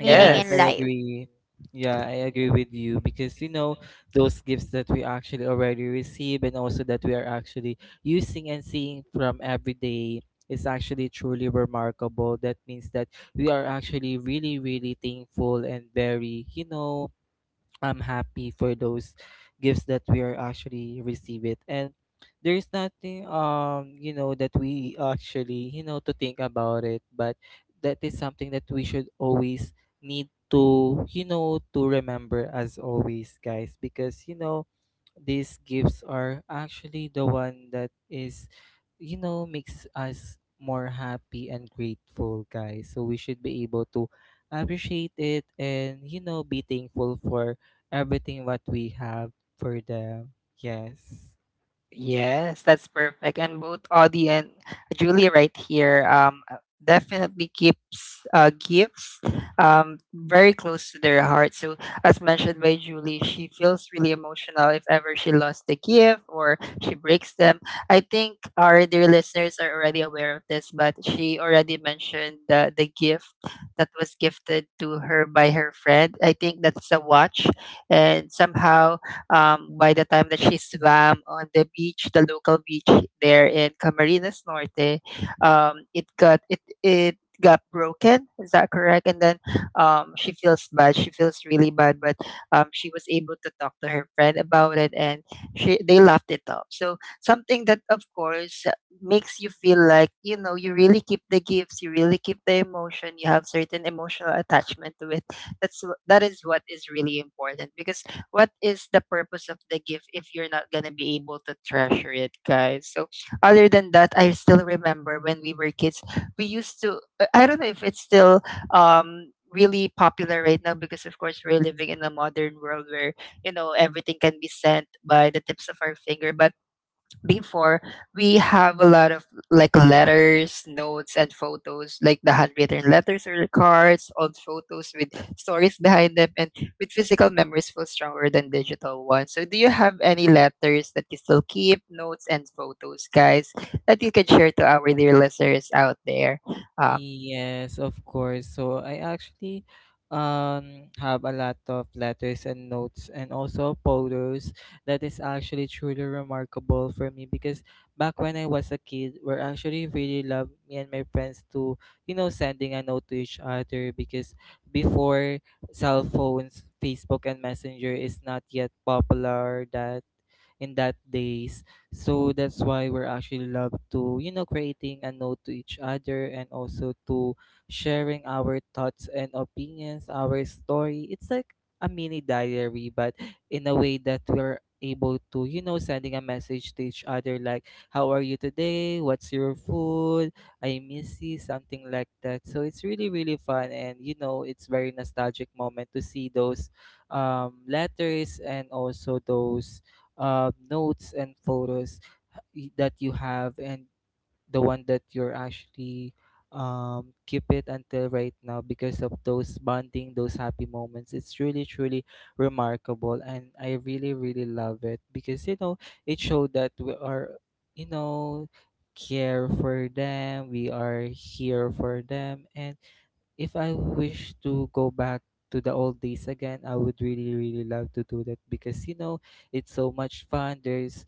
S3: meaning in
S2: I
S3: life.
S2: agree. Yeah, I agree with you because you know those gifts that we actually already receive and also that we are actually using and seeing from every day is actually truly remarkable. That means that we are actually really, really thankful and very, you know, I'm happy for those gifts that we are actually receive. And there is nothing you know that we actually, you know, to think about it, but that is something that we should always need to, you know, to remember as always, guys, because you know these gifts are actually the one that is, you know, makes us more happy and grateful, guys, so we should be able to appreciate it and, you know, be thankful for everything what we have for them. Yes. Mm-hmm.
S1: Yes, that's perfect. And both Audie and Julie right here definitely keeps gifts very close to their heart. So, as mentioned by Julie, she feels really emotional if ever she lost a gift or she breaks them. I think our dear listeners are already aware of this, but she already mentioned the gift that was gifted to her by her friend. I think that's a watch. And somehow, by the time that she swam on the beach, the local beach there in Camarines Norte, it it got broken. Is that correct? And then she feels bad. She feels really bad, but she was able to talk to her friend about it, and she they laughed it off. So something that, of course, makes you feel like you know you really keep the gifts, you really keep the emotion, you have certain emotional attachment to it. That is what is really important, because what is the purpose of the gift if you're not gonna be able to treasure it, guys? So other than that, I still remember when we were kids, we used to. I don't know if it's still really popular right now, because of course we're living in a modern world where you know everything can be sent by the tips of our finger. But before, we have a lot of like letters, notes and photos, like the handwritten letters or cards, old photos with stories behind them, and with physical memories feel stronger than digital ones. So do you have any letters that you still keep, notes and photos, guys, that you can share to our dear listeners out there? um
S2: Yes, of course. So I actually have a lot of letters and notes and also photos. That is actually truly remarkable for me because back when I was a kid, we actually really love, me and my friends, to, you know, sending a note to each other because before, cell phones, Facebook, and Messenger is not yet popular that in that days. So that's why we're actually love to, you know, creating a note to each other and also to sharing our thoughts and opinions, our story. It's like a mini diary, but in a way that we're able to, you know, sending a message to each other like, how are you today? What's your food? I miss you, something like that. So it's really, really fun. And, you know, it's very nostalgic moment to see those letters and also those notes and photos that you have and the one that you're actually keep it until right now because of those bonding, those happy moments. It's really, truly remarkable. And I really, really love it because, you know, it showed that we are, you know, care for them, we are here for them. And if I wish to go back to the old days again, I would really, really love to do that because you know it's so much fun. There's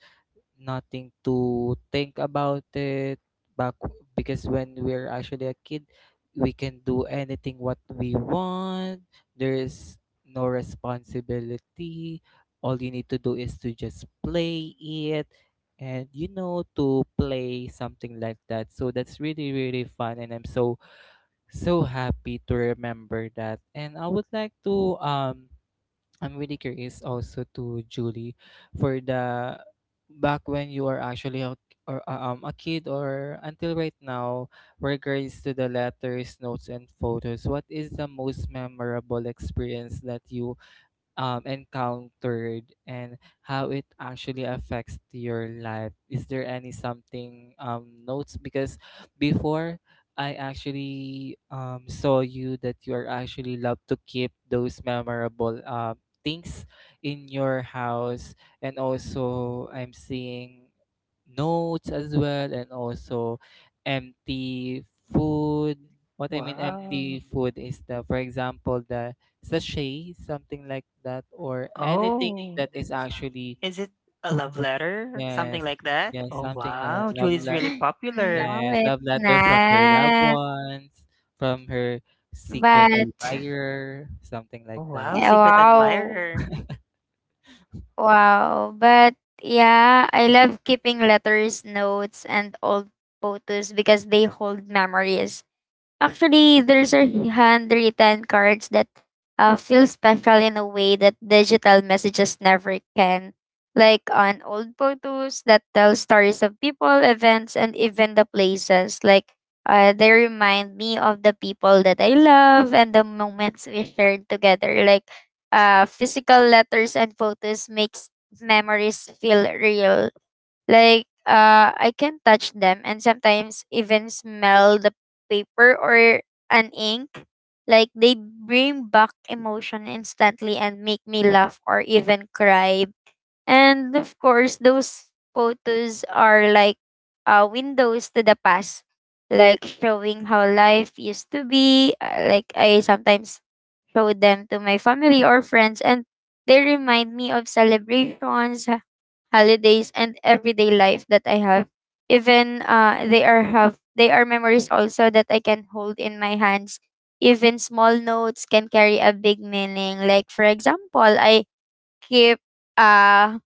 S2: nothing to think about it back because when we're actually a kid, we can do anything what we want. There's no responsibility. All you need to do is to just play it and you know to play something like that. So that's really, really fun and I'm so happy to remember that. And I would like to I'm really curious also to Julie for the back when you are actually a, or a kid or until right now regards to the letters, notes and photos. What is the most memorable experience that you encountered and how it actually affects to your life. Is there any something notes? Because before I actually saw you that you are actually love to keep those memorable things in your house, and also I'm seeing notes as well, and also empty food. What I mean
S1: Wow.
S2: empty food is the, for example, the sachet, something like that, or anything
S1: Oh,
S2: that is actually
S1: is it a love letter? Something
S2: yes,
S1: like that?
S2: yes,
S1: Oh,
S2: something na
S1: wow. Julie's really popular.
S3: No,
S2: yes,
S3: it's
S2: love letter from her loved
S3: not.
S2: ones, from her secret
S3: But
S2: admirer, something like
S1: Oh,
S2: that.
S1: wow. Secret
S3: wow.
S1: admirer.
S3: Wow. But yeah, I love keeping letters, notes, and old photos because they hold memories. Actually, there's a handwritten cards that feel special in a way that digital messages never can. Like on old photos that tell stories of people, events, and even the places. Like they remind me of the people that I love and the moments we shared together. Like physical letters and photos makes memories feel real. Like I can touch them and sometimes even smell the paper or an ink. Like they bring back emotion instantly and make me laugh or even cry. And of course, those photos are like windows to the past, like showing how life used to be. Like I sometimes show them to my family or friends, and they remind me of celebrations, holidays, and everyday life that I have. Even they are memories also that I can hold in my hands. Even small notes can carry a big meaning. Like for example, I keep uh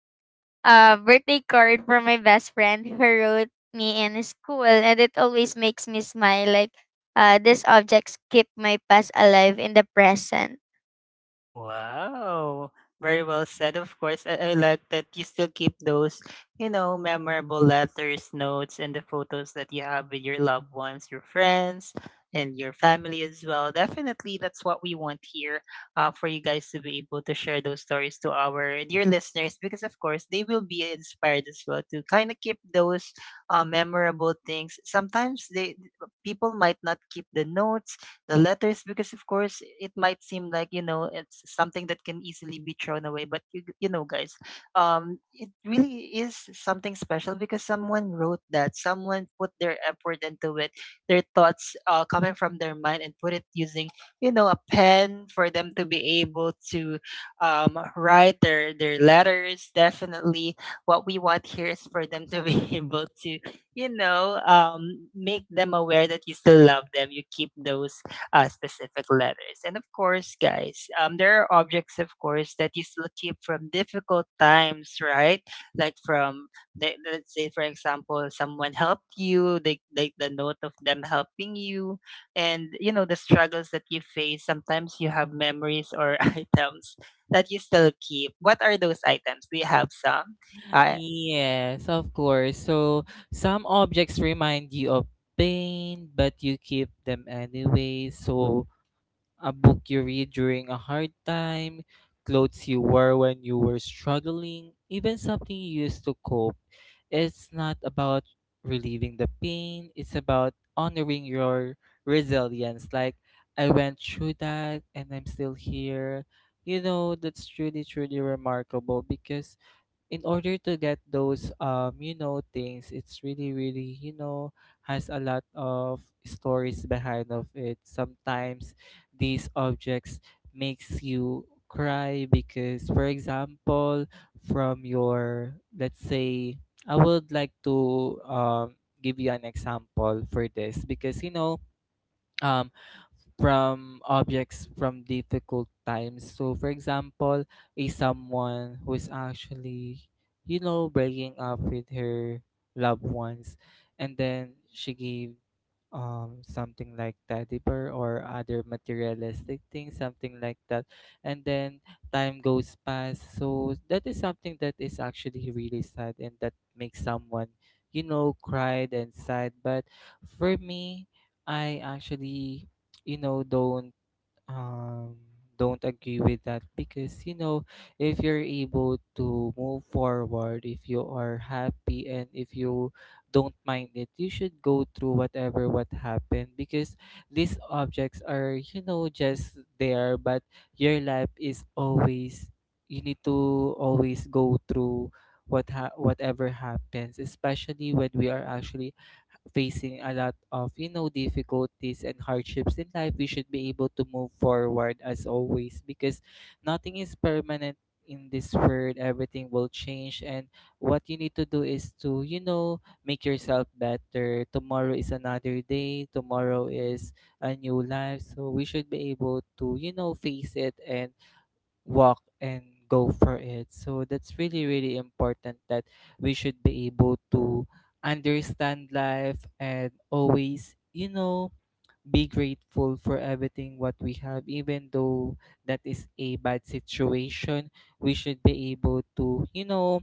S3: a birthday card from my best friend who wrote me in school, and it always makes me smile. Like, these objects keep my past alive in the present.
S1: Wow. Very well said, of course. I like that you still keep those, you know, memorable letters, notes, and the photos that you have with your loved ones, your friends, and your family as well. Definitely, that's what we want here, for you guys to be able to share those stories to our dear listeners, because, of course, they will be inspired as well to kind of keep those memorable things. Sometimes they, people might not keep the notes, the letters, because of course it might seem like you know it's something that can easily be thrown away, but you know guys, it really is something special because someone wrote that, someone put their effort into it, their thoughts, coming from their mind and put it using you know a pen for them to be able to write their letters. Definitely what we want here is for them to be able to you know make them aware that you still love them, you keep those specific letters. And of course, guys, there are objects, of course, that you still keep from difficult times, right? Like from, the, let's say, for example, someone helped you, the note of them helping you, and, you know, the struggles that you face. Sometimes you have memories or items that you still keep. What are those items? Do you have some? Uh,
S2: Yes, of course. So some objects remind you of pain, but you keep them anyway. So a book you read during a hard time, clothes you wore when you were struggling, even something you used to cope. It's not about relieving the pain, it's about honoring your resilience. Like, I went through that and I'm still here. You know, that's truly, truly remarkable because in order to get those you know things it's really really you know has a lot of stories behind of it sometimes these objects makes you cry because for example from your let's say I would like to give you an example for this because you know um, from objects from difficult times. So, for example, a someone who is actually, you know, breaking up with her loved ones, and then she gave something like teddy bear or other materialistic things, something like that, and then time goes past. So that is something that is actually really sad and that makes someone you know cried and sad but for me I actually, you know, um don't agree with that because you know if you're able to move forward if you are happy and if you don't mind it you should go through whatever what happened because these objects are you know just there but your life is always you need to always go through whatever happens especially when we are actually facing a lot of you know difficulties and hardships in life we should be able to move forward as always because nothing is permanent in this world everything will change and what you need to do is to you know make yourself better tomorrow is another day tomorrow is a new life so we should be able to you know face it and walk and go for it. So that's really, really important that we should be able to understand life and always, you know, be grateful for everything what we have, even though that is a bad situation. We should be able to, you know,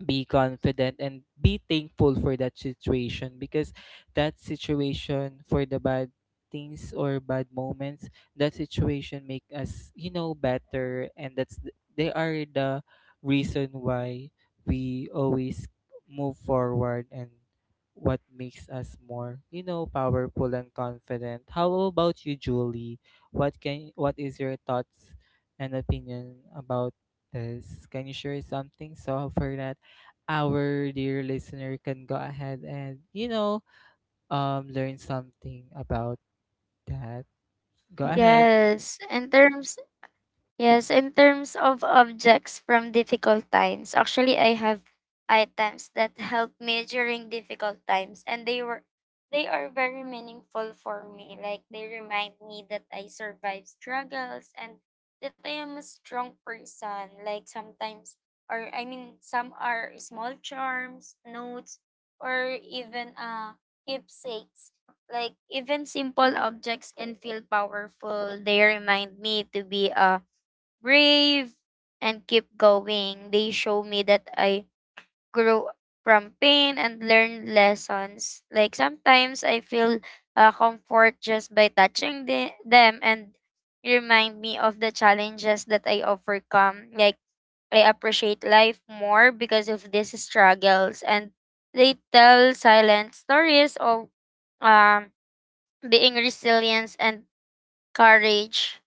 S2: be confident and be thankful for that situation because that situation for the bad things or bad moments that situation make us you know better and they are the reason why we always move forward and what makes us more you know powerful and confident how about you julie what can what is your thoughts and opinion about this can you share something so for that our dear listener can go ahead and, you know, learn something about that. Go ahead.
S3: Yes, in terms Yes, in terms of objects from difficult times, actually I have items that help me during difficult times and they are very meaningful for me. Like they remind me that I survived struggles and that I am a strong person. Like sometimes or I mean some are small charms, notes, or even keepsakes. Like even simple objects can feel powerful. They remind me to be a brave and keep going. They show me that I grew from pain and learned lessons. Like sometimes I feel comfort just by touching them and remind me of the challenges that I overcome. Like I appreciate life more because of these struggles and they tell silent stories of um being resilience and courage.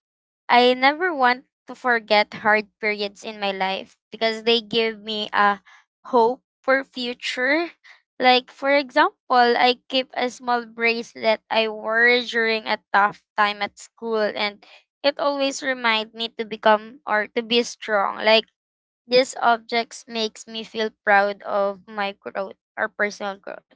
S3: I never want to forget hard periods in my life because they give me a hope for future. Like for example, I keep a small bracelet I wore during a tough time at school and it always reminds me to become or to be strong. Like these objects makes me feel proud of my growth or personal growth.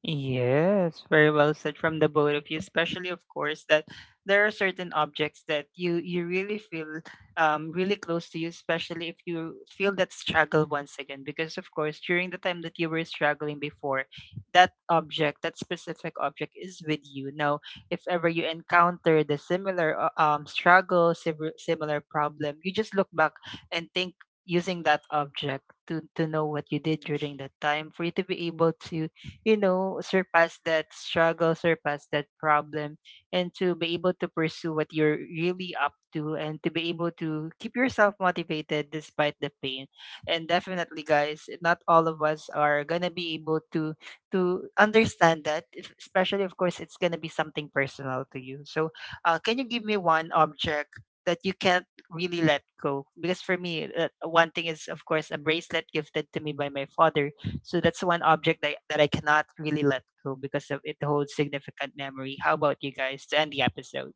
S1: Yes, very well said from the both of you, especially of course that there are certain objects that you really feel really close to you, especially if you feel that struggle once again. Because of course during the time that you were struggling before, that object, that specific object is with you. Now, if ever you encounter the similar struggle, similar problem, you just look back and think using that object to know what you did during that time for you to be able to you know, surpass that struggle, surpass that problem, and to be able to pursue what you're really up to, and to be able to keep yourself motivated despite the pain. And definitely, guys, not all of us are gonna be able to understand that, especially of course it's gonna be something personal to you. So, can you give me one object that you can't really let go? Because for me, one thing is of course a bracelet gifted to me by my father, so that's one object that, that I cannot really let go because of it holds significant memory. How about you guys to end the episode?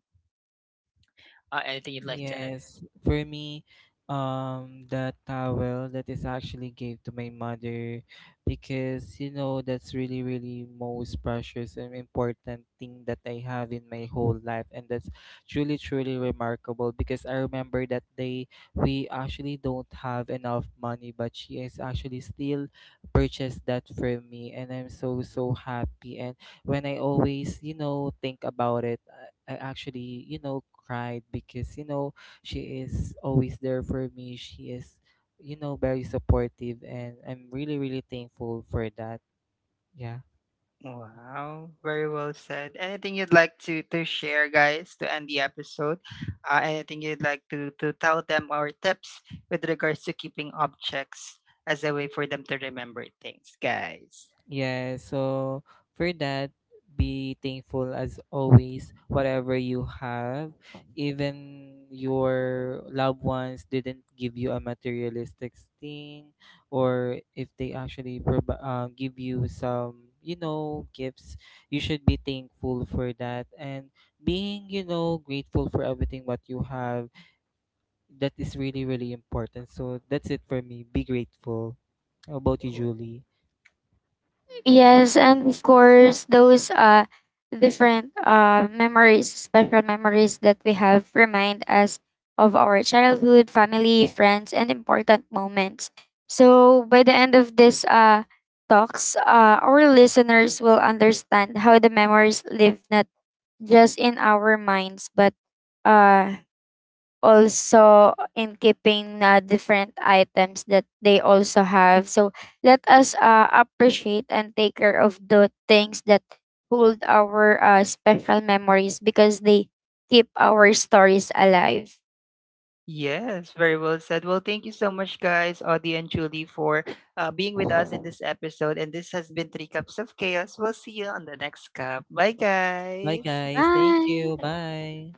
S1: Anything you'd like to add?
S2: Yes, for me, the towel that is actually gave to my mother because you know that's really really most precious and important thing that I have in my whole life, and that's truly truly remarkable because I remember that day we actually don't have enough money, but she is actually still purchased that for me, and I'm so happy and when I always, you know, think about it, I actually, you know, cried because, you know, she is always there for me. She is, you know, very supportive and I'm really, really thankful for that. Yeah.
S1: Wow, very well said. Anything you'd like to share, guys, to end the episode? Anything you'd like to tell them our tips with regards to keeping objects as a way for them to remember things, guys?
S2: Yeah, so for that, be thankful as always, whatever you have. Even your loved ones didn't give you a materialistic thing, or if they actually give you some, you know, gifts, you should be thankful for that. And being, you know, grateful for everything what you have, that is really, really important. So that's it for me. Be grateful. How about you, Julie?
S3: Yes, and of course, those different memories, special memories that we have remind us of our childhood, family, friends, and important moments. So by the end of this talks, our listeners will understand how the memories live not just in our minds, but uh also in keeping different items that they also have. So let us appreciate and take care of the things that hold our special memories because they keep our stories alive.
S1: Yes, very well said. Well, thank you so much, guys, Audie and Julie, for being with us in this episode. And this has been Three Cups of Chaos. We'll see you on the next cup. Bye,
S2: Bye,
S1: guys.
S2: guys. Thank you.
S3: Bye.
S2: Bye.